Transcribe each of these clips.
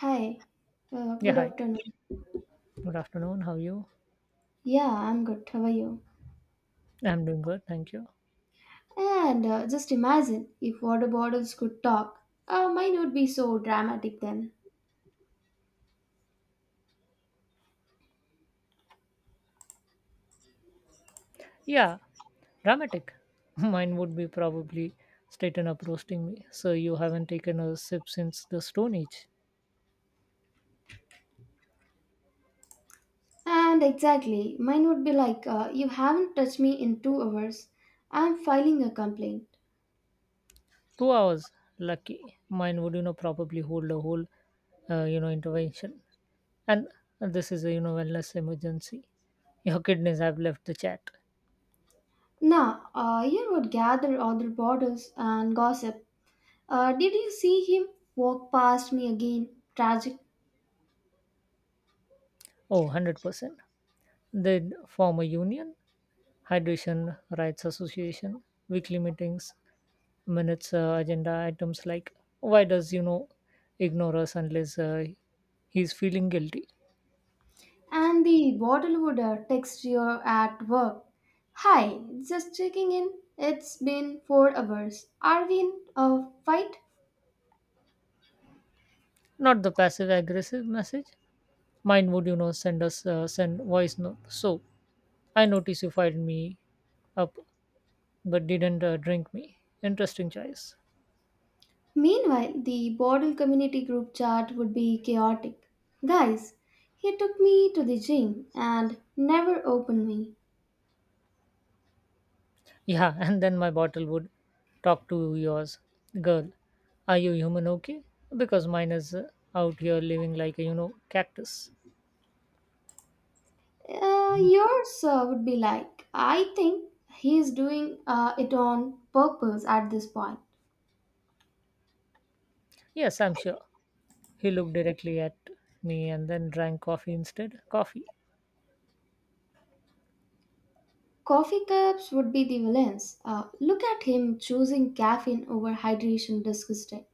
Hi, Yeah, good hi. afternoon. Good afternoon. How are you? Yeah, I'm good. How are you? I'm doing good, thank you. And just imagine if water bottles could talk. Mine would be so dramatic then. Yeah, dramatic. Mine would be probably straighten up roasting me. So you haven't taken a sip since the Stone Age. And exactly, mine would be like, you haven't touched me in 2 hours. I'm filing a complaint. 2 hours. Lucky. Mine would, probably hold a whole, intervention. And this is a, wellness emergency. Your kidneys have left the chat. Now, you would gather other bottles and gossip. Did you see him walk past me again? Tragic. Oh, 100%. They'd form a union, hydration rights association, weekly meetings, minutes agenda items like why does ignore us unless he's feeling guilty. And the bottle would text you at work. Hi, just checking in. It's been 4 hours. Are we in a fight? Not the passive aggressive message. Mine would, send us send voice note. So I noticed you fired me up but didn't drink me. Interesting choice. Meanwhile, the bottle community group chat would be chaotic. Guys, he took me to the gym and never opened me. Yeah. And then my bottle would talk to yours. Girl, are you human? Okay, because mine is out here living like a cactus. Yours would be like, I think he's doing it on purpose at this point. Yes, I'm sure. He looked directly at me and then drank coffee instead. Coffee. Coffee cups would be the villains. Look at him choosing caffeine over hydration, disgusting.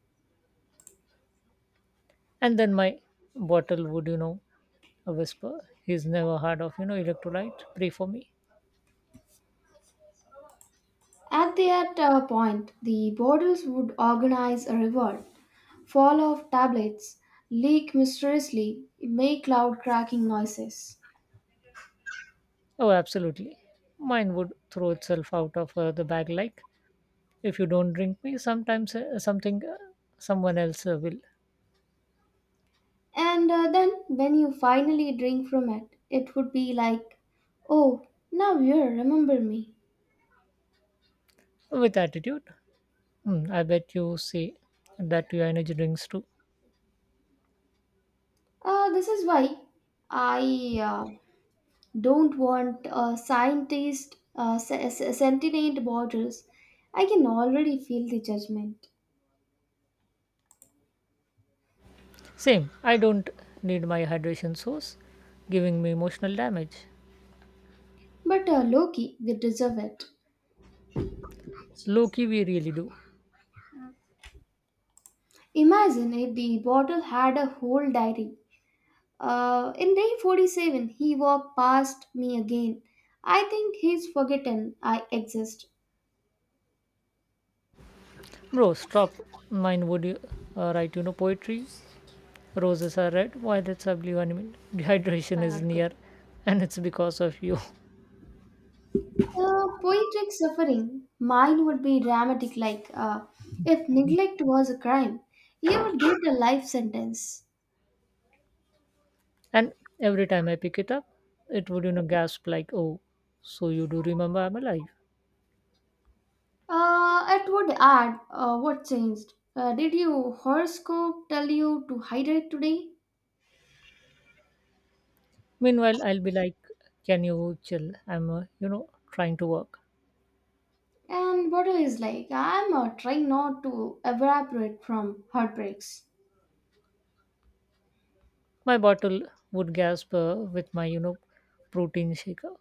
And then my bottle would, whisper. He's never heard of, electrolyte. Pray for me. At that point, the borders would organize a revolt, fall off tablets, leak mysteriously, make loud cracking noises. Oh, absolutely. Mine would throw itself out of the bag like, if you don't drink me, sometimes something, someone else will. And then, when you finally drink from it, it would be like, oh, now you remember me. With attitude. Hmm, I bet you say that to your energy drinks too. This is why I don't want scientist sentient borders. I can already feel the judgment. Same. I don't need my hydration source giving me emotional damage. But Loki, we deserve it. Low key, we really do. Imagine if the bottle had a whole diary. In day 47, he walked past me again. I think he's forgotten I exist. Bro, stop. Mine would you, write, poetry. Roses are red, violets are blue, and I mean, dehydration is near, and it's because of you. Poetic suffering, mine would be dramatic, like, if neglect was a crime, you would get a life sentence. And every time I pick it up, it would, gasp like, oh, so you do remember I'm alive. It would add, what changed. Did your horoscope tell you to hydrate today? Meanwhile, I'll be like, can you chill? I'm, trying to work. And water is like, I'm trying not to evaporate from heartbreaks. My bottle would gasp with my, protein shaker.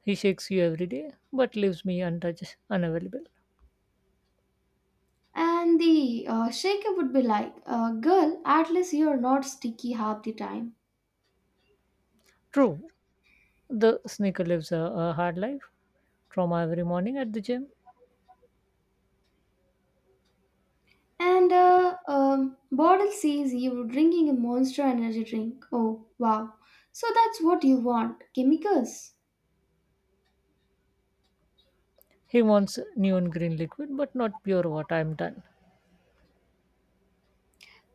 He shakes you every day, but leaves me untouched, unavailable. And the shaker would be like, girl, at least you're not sticky half the time. True, the sneaker lives a hard life, trauma every morning at the gym. And bottle says you're drinking a monster energy drink. Oh, wow. So that's what you want, chemicals. He wants neon green liquid, but not pure water. I'm done.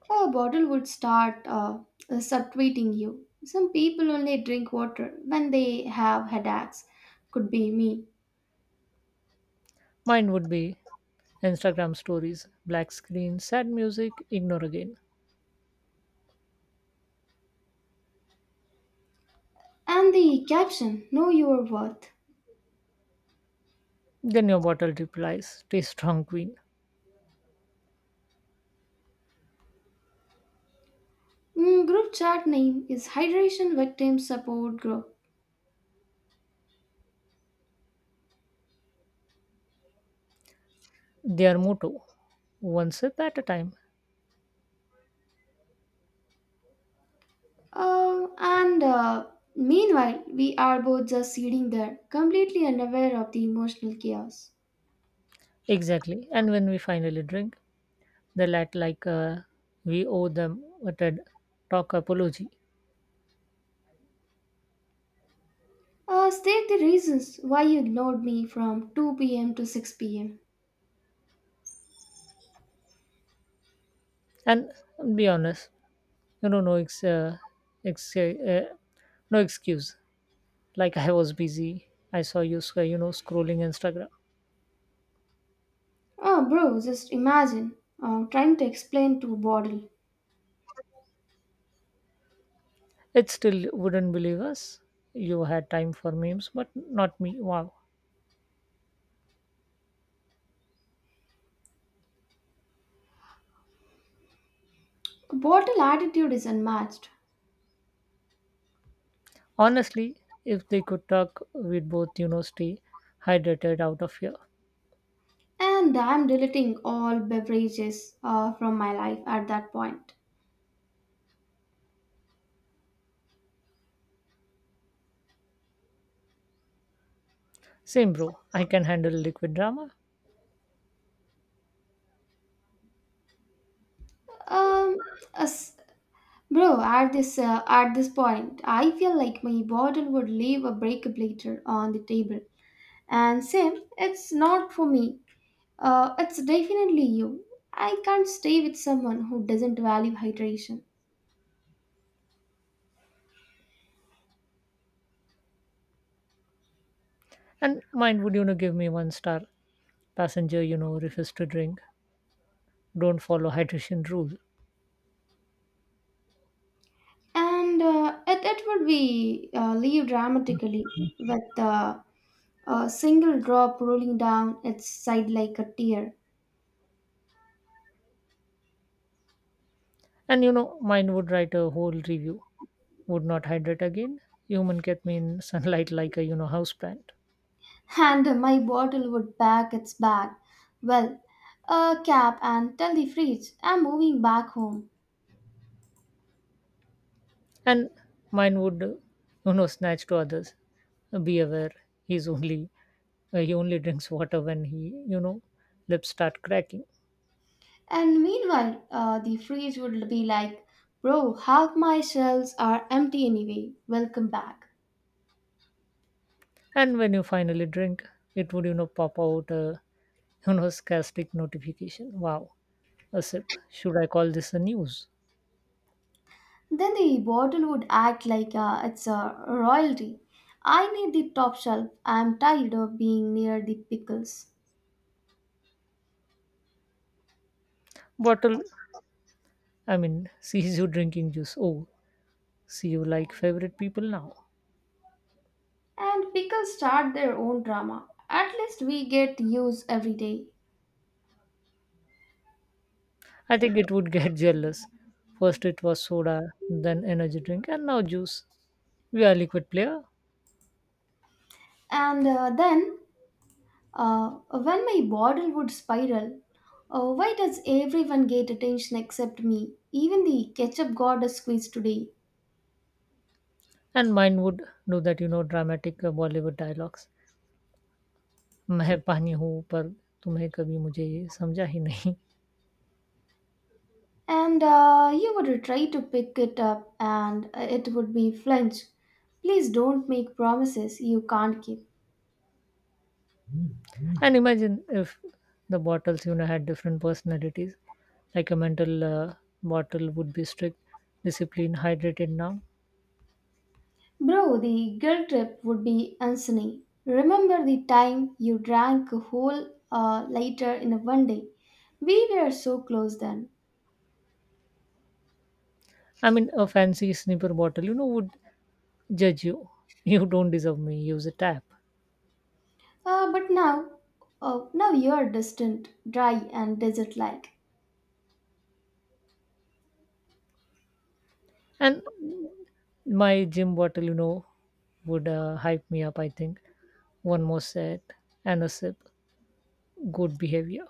A bottle would start subtweeting you. Some people only drink water when they have headaches. Could be me. Mine would be Instagram stories, black screen, sad music, ignore again. And the caption, know your worth. Then your bottle replies, stay strong, queen. Mm, group chat name is Hydration Victim Support Group. Their motto, one sip at a time. And meanwhile, we are both just sitting there, completely unaware of the emotional chaos. Exactly. And when we finally drink, they act like we owe them a TED talk apology. State the reasons why you ignored me from 2 p.m. to 6 pm. And be honest, no, ex- uh, no excuse. Like I was busy. I saw you you know scrolling Instagram. Oh, bro, just imagine trying to explain to bottle. It still wouldn't believe us. You had time for memes but not me. Wow. Bottle attitude is unmatched, Honestly, if they could talk, we'd both, stay hydrated out of here. and I'm deleting all beverages from my life at that point. Same, bro. I can handle liquid drama. Um, as- Bro, at this point, I feel like my bottle would leave a breakup later on the table. And Sam, it's not for me. It's definitely you. I can't stay with someone who doesn't value hydration. And mine would, give me one star passenger. Refuse to drink, don't follow hydration rule. And it would be leave dramatically with a single drop rolling down its side like a tear, And, mine would write a whole review. Would not hydrate again. Human kept me in sunlight like a, houseplant. and my bottle would pack its bag. Well, a cap, and tell the fridge I'm moving back home. And mine would snatch to others. Be aware, he's only he only drinks water when he, lips start cracking. And meanwhile, the fridge would be like, bro, half my shells are empty anyway. Welcome back. And when you finally drink, it would, pop out a, sarcastic notification. Wow, a sip, should I call this a news? Then the bottle would act like it's a royalty. I need the top shelf. I'm tired of being near the pickles. Bottle, I mean, sees you drinking juice. Oh, see you like favorite people now. And pickles start their own drama. At least we get use every day. I think it would get jealous. First it was soda, then energy drink, and now juice. We are liquid player. And when my bottle would spiral, why does everyone get attention except me? Even the ketchup got a squeeze today. And mine would do that, dramatic Bollywood dialogues. मैं पानी हूँ पर तुम्हें कभी मुझे ये समझा ही नहीं. And you would try to pick it up, and it would be flinch. Please don't make promises you can't keep. And imagine if the bottles, had different personalities. Like a mental bottle would be strict, disciplined, hydrated now. Bro, the guilt trip would be insane. Remember the time you drank a whole liter in a one day? We were so close then. I mean, a fancy snipper bottle, would judge you. You don't deserve me. Use a tap. But now, now you're distant, dry, and desert like. And my gym bottle, would hype me up. I think one more set and a sip. Good behavior.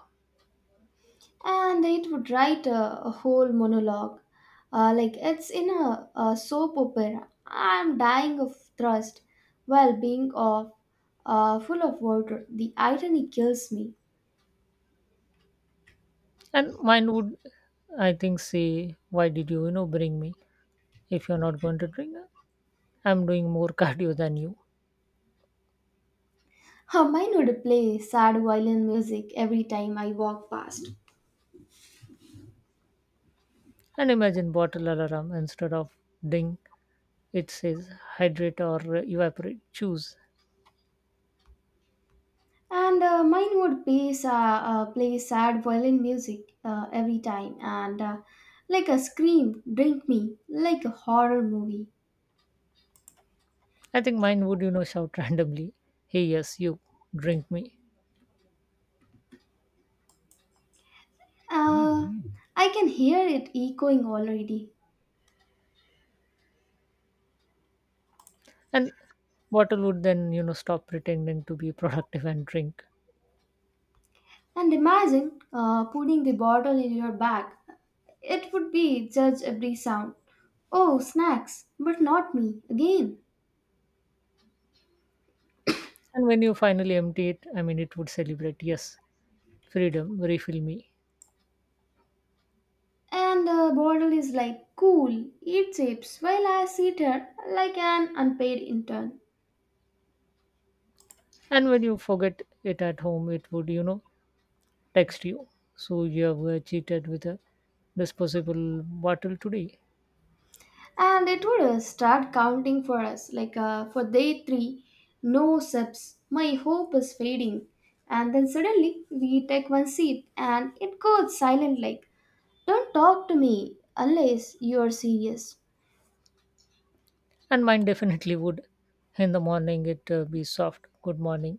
And it would write a whole monologue like it's in a soap opera, I'm dying of thirst, well being of full of water, the irony kills me. And mine would, I think, say, why did you, bring me if you're not going to drink? I'm doing more cardio than you. Mine would play sad violin music every time I walk past. And imagine bottle alarm instead of ding, it says hydrate or evaporate, choose. And mine would play sad violin music every time, and like a scream, drink me, like a horror movie. I think mine would, shout randomly, hey, yes, you, drink me. uh, I can hear it echoing already. And bottle would then, stop pretending to be productive and drink. And imagine putting the bottle in your bag. It would be judge every sound. Oh, snacks, but not me, again. And when you finally empty it, I mean, it would celebrate, yes, freedom, refill me. And the bottle is like, cool, eat chips, while I sit here like an unpaid intern. And when you forget it at home, it would, text you. So you have cheated with a disposable bottle today. And it would start counting for us, like for day 3, no sips, my hope is fading. And then suddenly we take one sip and it goes silent, like, don't talk to me unless you're serious. And mine definitely would. In the morning, it be soft. Good morning.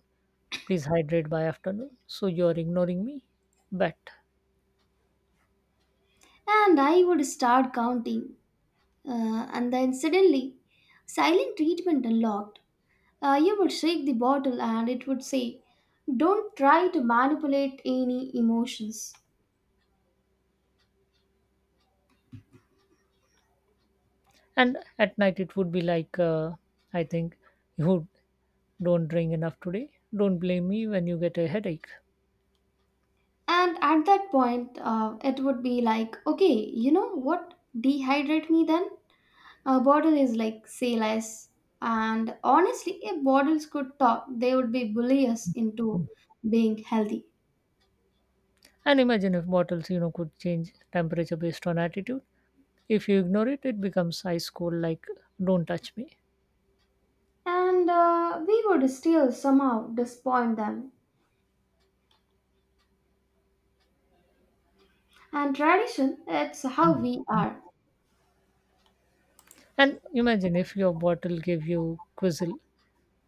Please hydrate by afternoon. So you are ignoring me. Bet. And I would start counting. And then suddenly, silent treatment unlocked. You would shake the bottle and it would say, don't try to manipulate any emotions. And at night, it would be like, I think you don't drink enough today. Don't blame me when you get a headache. And at that point, it would be like, okay, you know what? Dehydrate me then. A bottle is like, say less. And honestly, if bottles could talk, they would be bully us into being healthy. And imagine if bottles, could change temperature based on attitude. If you ignore it, it becomes ice cold, like, don't touch me. And we would still somehow disappoint them. And tradition, it's how we are. And imagine if your bottle gave you quizzle,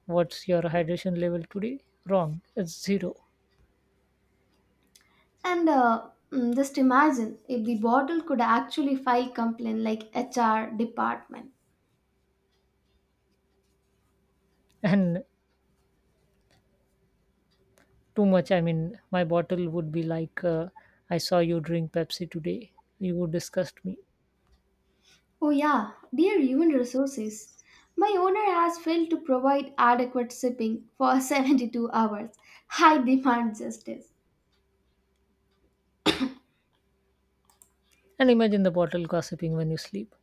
what's your hydration level today? Wrong, it's zero. And just imagine if the bottle could actually file complaint like HR department. And too much, I mean, my bottle would be like, I saw you drink Pepsi today. You disgust me. Oh yeah, dear human resources. My owner has failed to provide adequate shipping for 72 hours. I demand justice. And imagine the bottle gossiping when you sleep.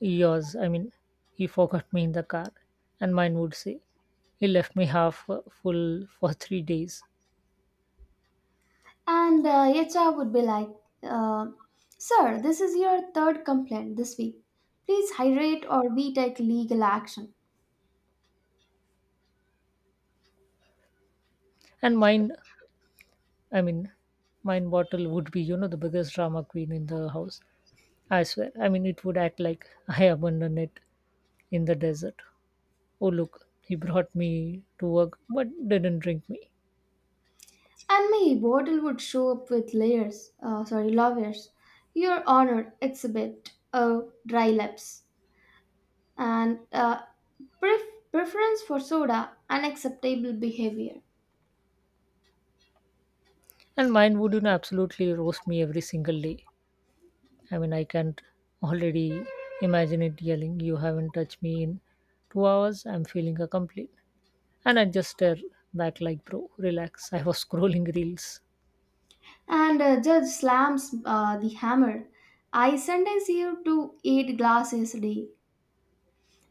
Yours, I mean, he forgot me in the car. And mine would say, he left me half full for 3 days. And HR would be like, uh, sir, this is your third complaint this week. Please hydrate or we take legal action. And mine, I mean, Mind Bottle would be, the biggest drama queen in the house. I swear. I mean, it would act like I abandoned it in the desert. Oh, look, he brought me to work but didn't drink me. And my bottle would show up with layers, sorry, lawyers. Your Honor, exhibit a, dry lips, and preference for soda, unacceptable behavior. And mine would, absolutely roast me every single day. I mean, I can't already imagine it yelling, you haven't touched me in 2 hours. I'm feeling a complete. And I just stare back like, bro, relax. I was scrolling reels. And judge slams the hammer. I sentence you to 8 glasses a day.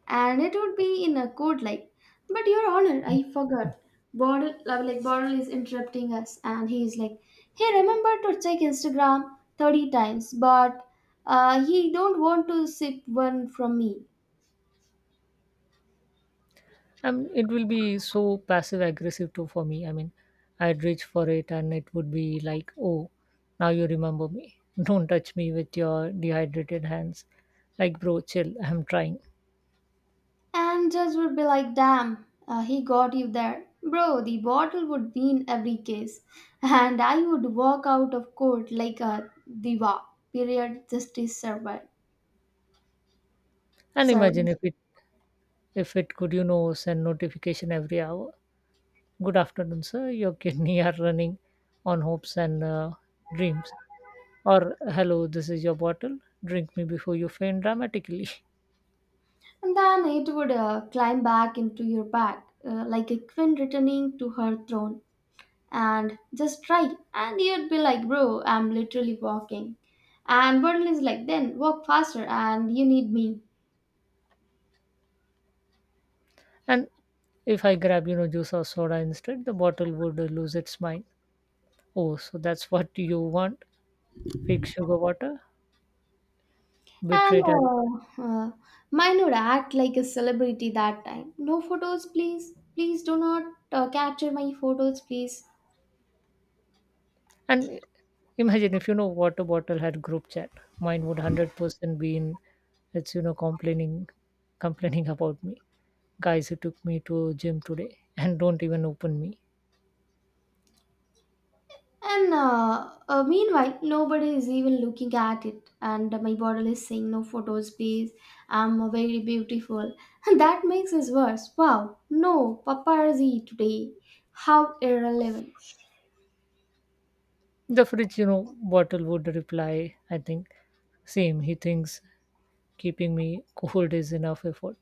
And it would be in a code like, but your honor, I forgot, bottle, like, bottle is interrupting us and he's like, hey, remember to check Instagram 30 times, but he don't want to sip one from me. It will be so passive aggressive too for me. I mean, I'd reach for it and it would be like, oh, now you remember me. Don't touch me with your dehydrated hands. Like, bro, chill. I'm trying. And judge would be like, damn, he got you there, bro. The bottle would win every case, and I would walk out of court like a diva, period, justice server. And Server. imagine if it, if it could, send notification every hour. Good afternoon, sir. Your kidney are running on hopes and dreams. Or hello, this is your bottle. Drink me before you faint dramatically. And then it would climb back into your back, like a queen returning to her throne. And just try. And you'd be like, bro, I'm literally walking. And Birdle is like, then walk faster, and you need me. And if I grab, juice or soda instead, the bottle would lose its mind. Oh, so that's what you want? Fake sugar water? And Betrayed at. Mine would act like a celebrity that time. No photos, please. Please do not capture my photos, please. And imagine if, water bottle had group chat. Mine would 100% be in it's, complaining about me. Guys who took me to gym today and don't even open me. And meanwhile, nobody is even looking at it. And my bottle is saying, no photos, please. I'm very beautiful. And that makes us worse. Wow, no paparazzi today. How irrelevant. The fridge, bottle would reply, I think, same. He thinks keeping me cold is enough effort.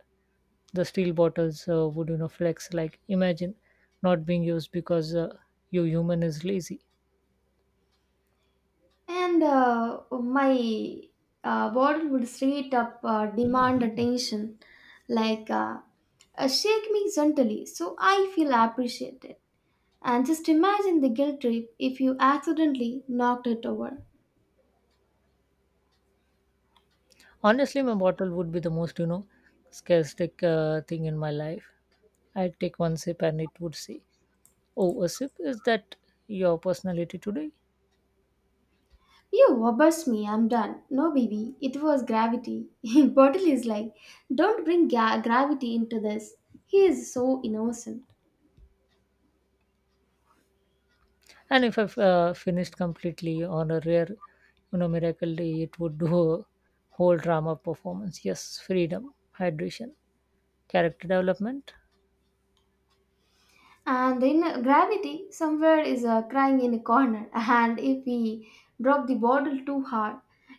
The steel bottles would, flex like imagine not being used because you human is lazy. And my bottle would straight up demand attention, like, shake me gently so I feel appreciated. And just imagine the guilt trip if you accidentally knocked it over. Honestly, my bottle would be the most, scarctic thing in my life. I'd take one sip and it would say, oh, a sip, is that your personality today? You obsess me, I'm done. No, baby, it was gravity. Bottle is like, don't bring gravity into this. He is so innocent. And if I've finished completely on a rare, miracle day, it would do a whole drama performance. Yes, freedom, hydration, character development. And in gravity, somewhere is crying in a corner. And if we drop the bottle too hard,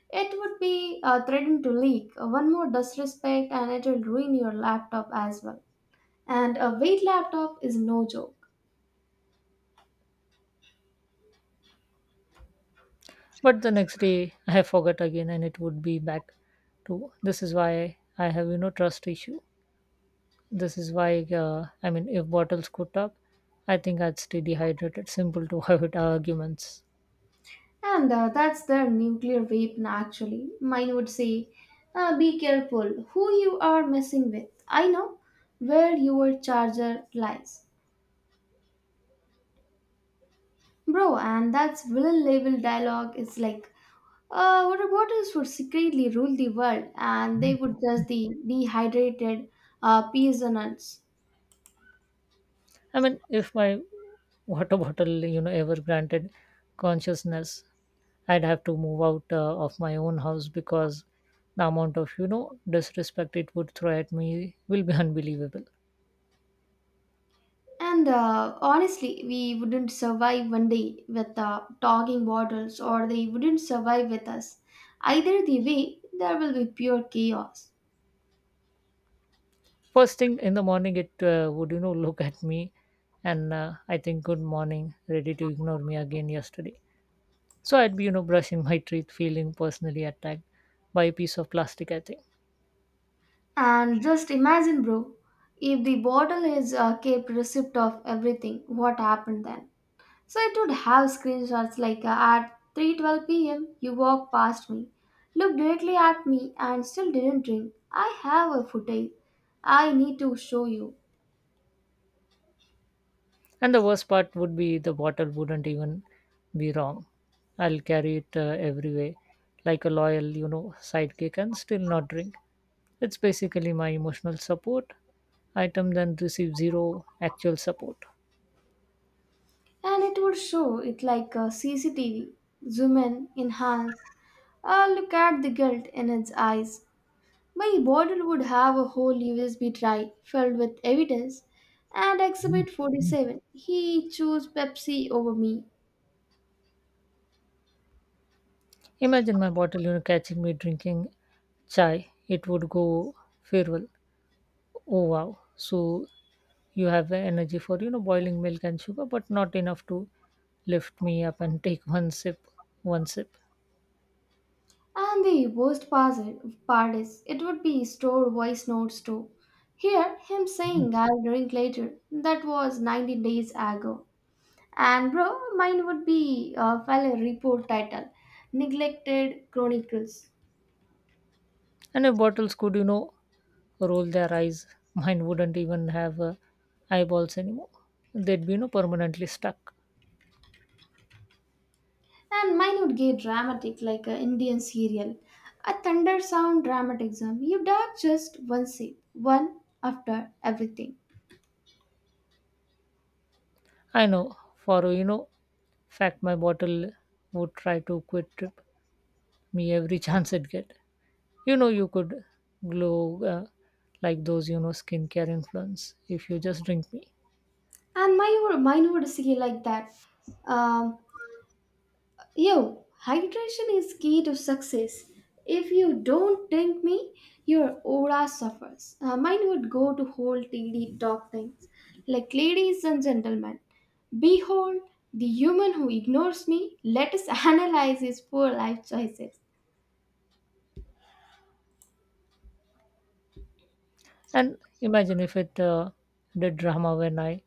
it would be threatened to leak. One more disrespect, and it will ruin your laptop as well. And a weight laptop is no joke. But the next day, I forgot again and it would be back to this is why I have, trust issue. This is why, I mean, if bottles could talk, I think I'd stay dehydrated. Simple to avoid arguments. And that's their nuclear weapon, actually. Mine would say, be careful who you are messing with. I know where your charger lies. Bro, and that's villain level dialogue is like, what robotics would secretly rule the world, and they would just the dehydrated peasants. I mean, if my water bottle, ever granted consciousness, I'd have to move out of my own house because the amount of, disrespect it would throw at me will be unbelievable. And honestly, we wouldn't survive one day with talking bottles, or they wouldn't survive with us. Either the way, there will be pure chaos. First thing in the morning, it would, look at me and I think, good morning, ready to ignore me again yesterday. So I'd be, brushing my teeth, feeling personally attacked by a piece of plastic, I think. And just imagine, bro, if the bottle is kept receipt of everything, what happened then? So it would have screenshots like at 3:12 p.m. You walked past me, looked directly at me, and still didn't drink. I have a footage. I need to show you. And the worst part would be the bottle wouldn't even be wrong. I'll carry it everywhere, like a loyal, sidekick, and still not drink. It's basically my emotional support item, then receive zero actual support. And it would show it like a CCTV, zoom in, enhance, look at the guilt in its eyes. My bottle would have a whole USB drive filled with evidence and exhibit 47. He chose Pepsi over me. Imagine my bottle, catching me drinking chai, it would go feral. Oh wow. So you have the energy for, boiling milk and sugar, but not enough to lift me up and take one sip, one sip. And the worst part is, it would be stored voice notes too. Here, him saying, I'll drink later. That was 90 days ago. And bro, mine would be a file a report title, Neglected Chronicles. And if bottles could, roll their eyes, mine wouldn't even have eyeballs anymore. They'd be, permanently stuck. And mine would get dramatic like an Indian serial, a thunder sound dramaticism. You dug just one scene, one, after everything. I know, for, fact my bottle would try to quit trip me every chance it get. You could glow like those, skincare influence if you just drink me. And mine would say like that. Um, Yo, hydration is key to success. If you don't drink me, your aura suffers. Mine would go to whole TD talk things. Like, ladies and gentlemen, behold the human who ignores me. Let us analyze his poor life choices. And imagine if it did drama when I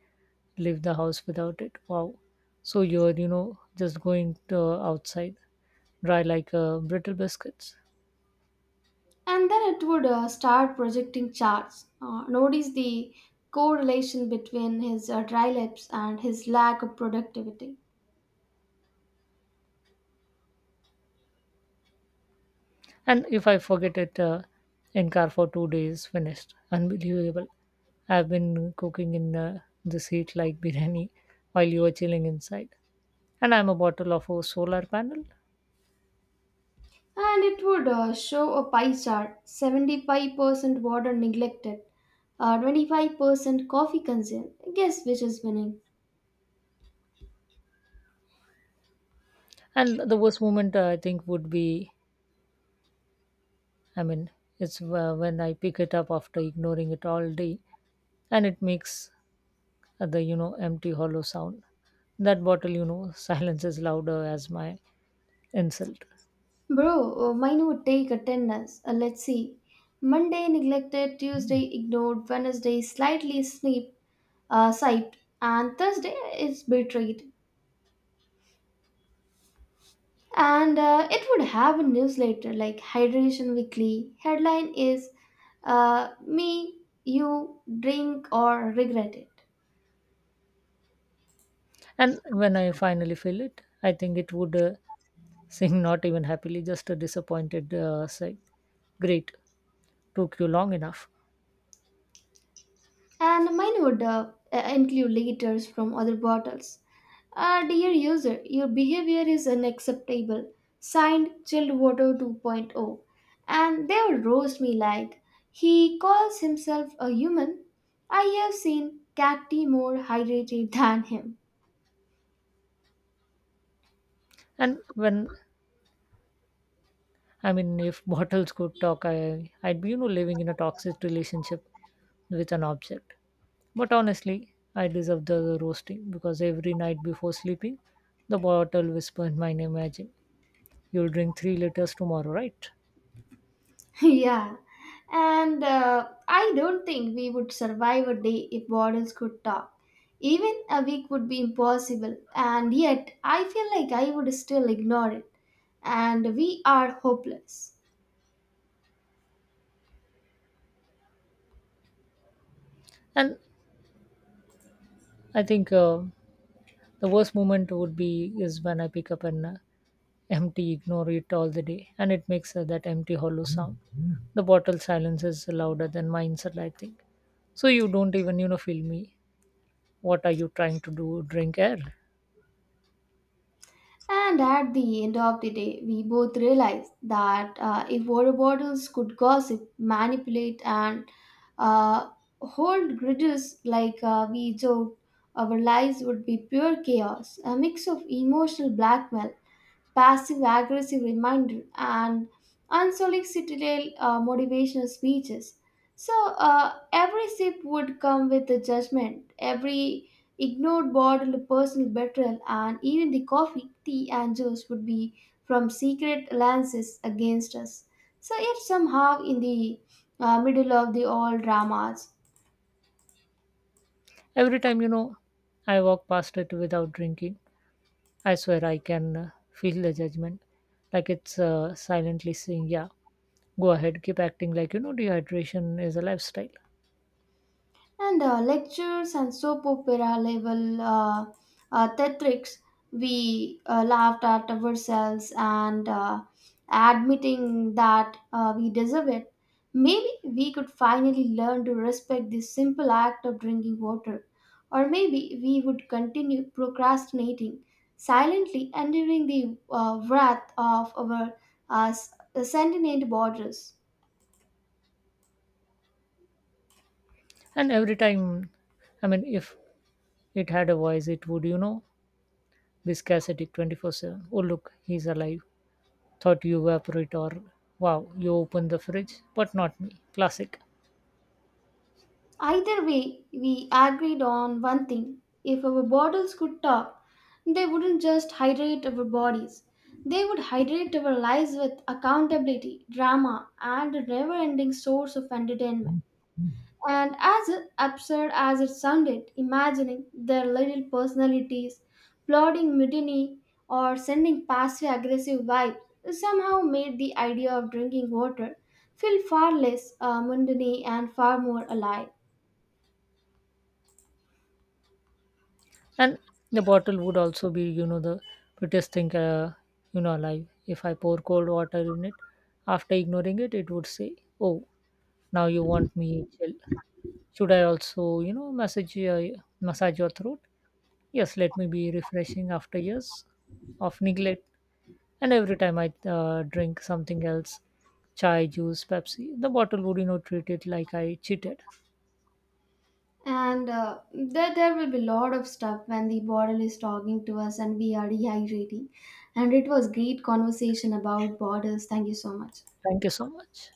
leave the house without it. Wow. So you're, just going to outside, dry like brittle biscuits. And then it would start projecting charts. Notice the correlation between his dry lips and his lack of productivity. And if I forget it in car for 2 days, finished. Unbelievable. I've been cooking in the heat like biryani while you were chilling inside. And I'm a bottle of a solar panel. And it would show a pie chart, 75% water neglected, 25% coffee consumed. Guess which is winning? And the worst moment I think would be, I mean, it's when I pick it up after ignoring it all day and it makes the, empty hollow sound. That bottle, silence is louder as my insult. Bro, mine would take attendance. Let's see. Monday neglected, Tuesday ignored, Wednesday slightly sneep, siped, and Thursday is betrayed. And it would have a newsletter like Hydration Weekly. Headline is me, you, drink, or regret it. And when I finally fill it, I think it would sing, not even happily, just a disappointed sigh. Great, took you long enough. And mine would include letters from other bottles. Dear user, your behavior is unacceptable. Signed, Chilled Water 2.0. And they would roast me like, he calls himself a human. I have seen cat tea more hydrated than him. And when, I mean, if bottles could talk, I'd be, living in a toxic relationship with an object. But honestly, I deserve the roasting because every night before sleeping, the bottle whispered my name magic. You'll drink 3 liters tomorrow, right? Yeah. And I don't think we would survive a day if bottles could talk. Even a week would be impossible, and yet I feel like I would still ignore it. And we are hopeless. And I think the worst moment would be is when I pick up an empty, ignore it all the day, and it makes that empty hollow sound. The bottle silence is louder than my insult, I think. So you don't even, feel me. What are you trying to do? Drink air? And at the end of the day, we both realize that if water bottles could gossip, manipulate, and uh, hold grudges like we joked, our lives would be pure chaos, a mix of emotional blackmail, passive aggressive reminder, and unsolicited motivational speeches. So every sip would come with a judgment, every ignored bottle of personal betrayal, and even the coffee, tea, and juice would be from secret alliances against us. So yet somehow, in the middle of the all dramas Every time, I walk past it without drinking, I swear I can feel the judgment. Like it's silently saying, yeah, go ahead, keep acting like, dehydration is a lifestyle. and lectures and soap opera level theatrics, we laughed at ourselves and admitting that we deserve it. Maybe we could finally learn to respect this simple act of drinking water. Or maybe we would continue procrastinating, silently enduring the wrath of our uh, s- sentient borders. And every time, I mean, if it had a voice, it would, be scarcity 24/7. Oh, look, he's alive. Thought you evaporate, or wow, you open the fridge, but not me. Classic. Either way, we agreed on one thing. If our bottles could talk, they wouldn't just hydrate our bodies. They would hydrate our lives with accountability, drama, and a never ending source of entertainment. And as absurd as it sounded, imagining their little personalities plotting mutiny or sending passive aggressive vibes somehow made the idea of drinking water feel far less mundane and far more alive. And the bottle would also be, the prettiest thing, alive. If I pour cold water in it, after ignoring it, it would say, oh, now you want me chill. Should I also, massage your throat? Yes, let me be refreshing after years of neglect. And every time I drink something else, chai, juice, Pepsi, the bottle would, treat it like I cheated. And there will be a lot of stuff when the bottle is talking to us and we are dehydrating. And it was great conversation about borders. Thank you so much. Thank you so much.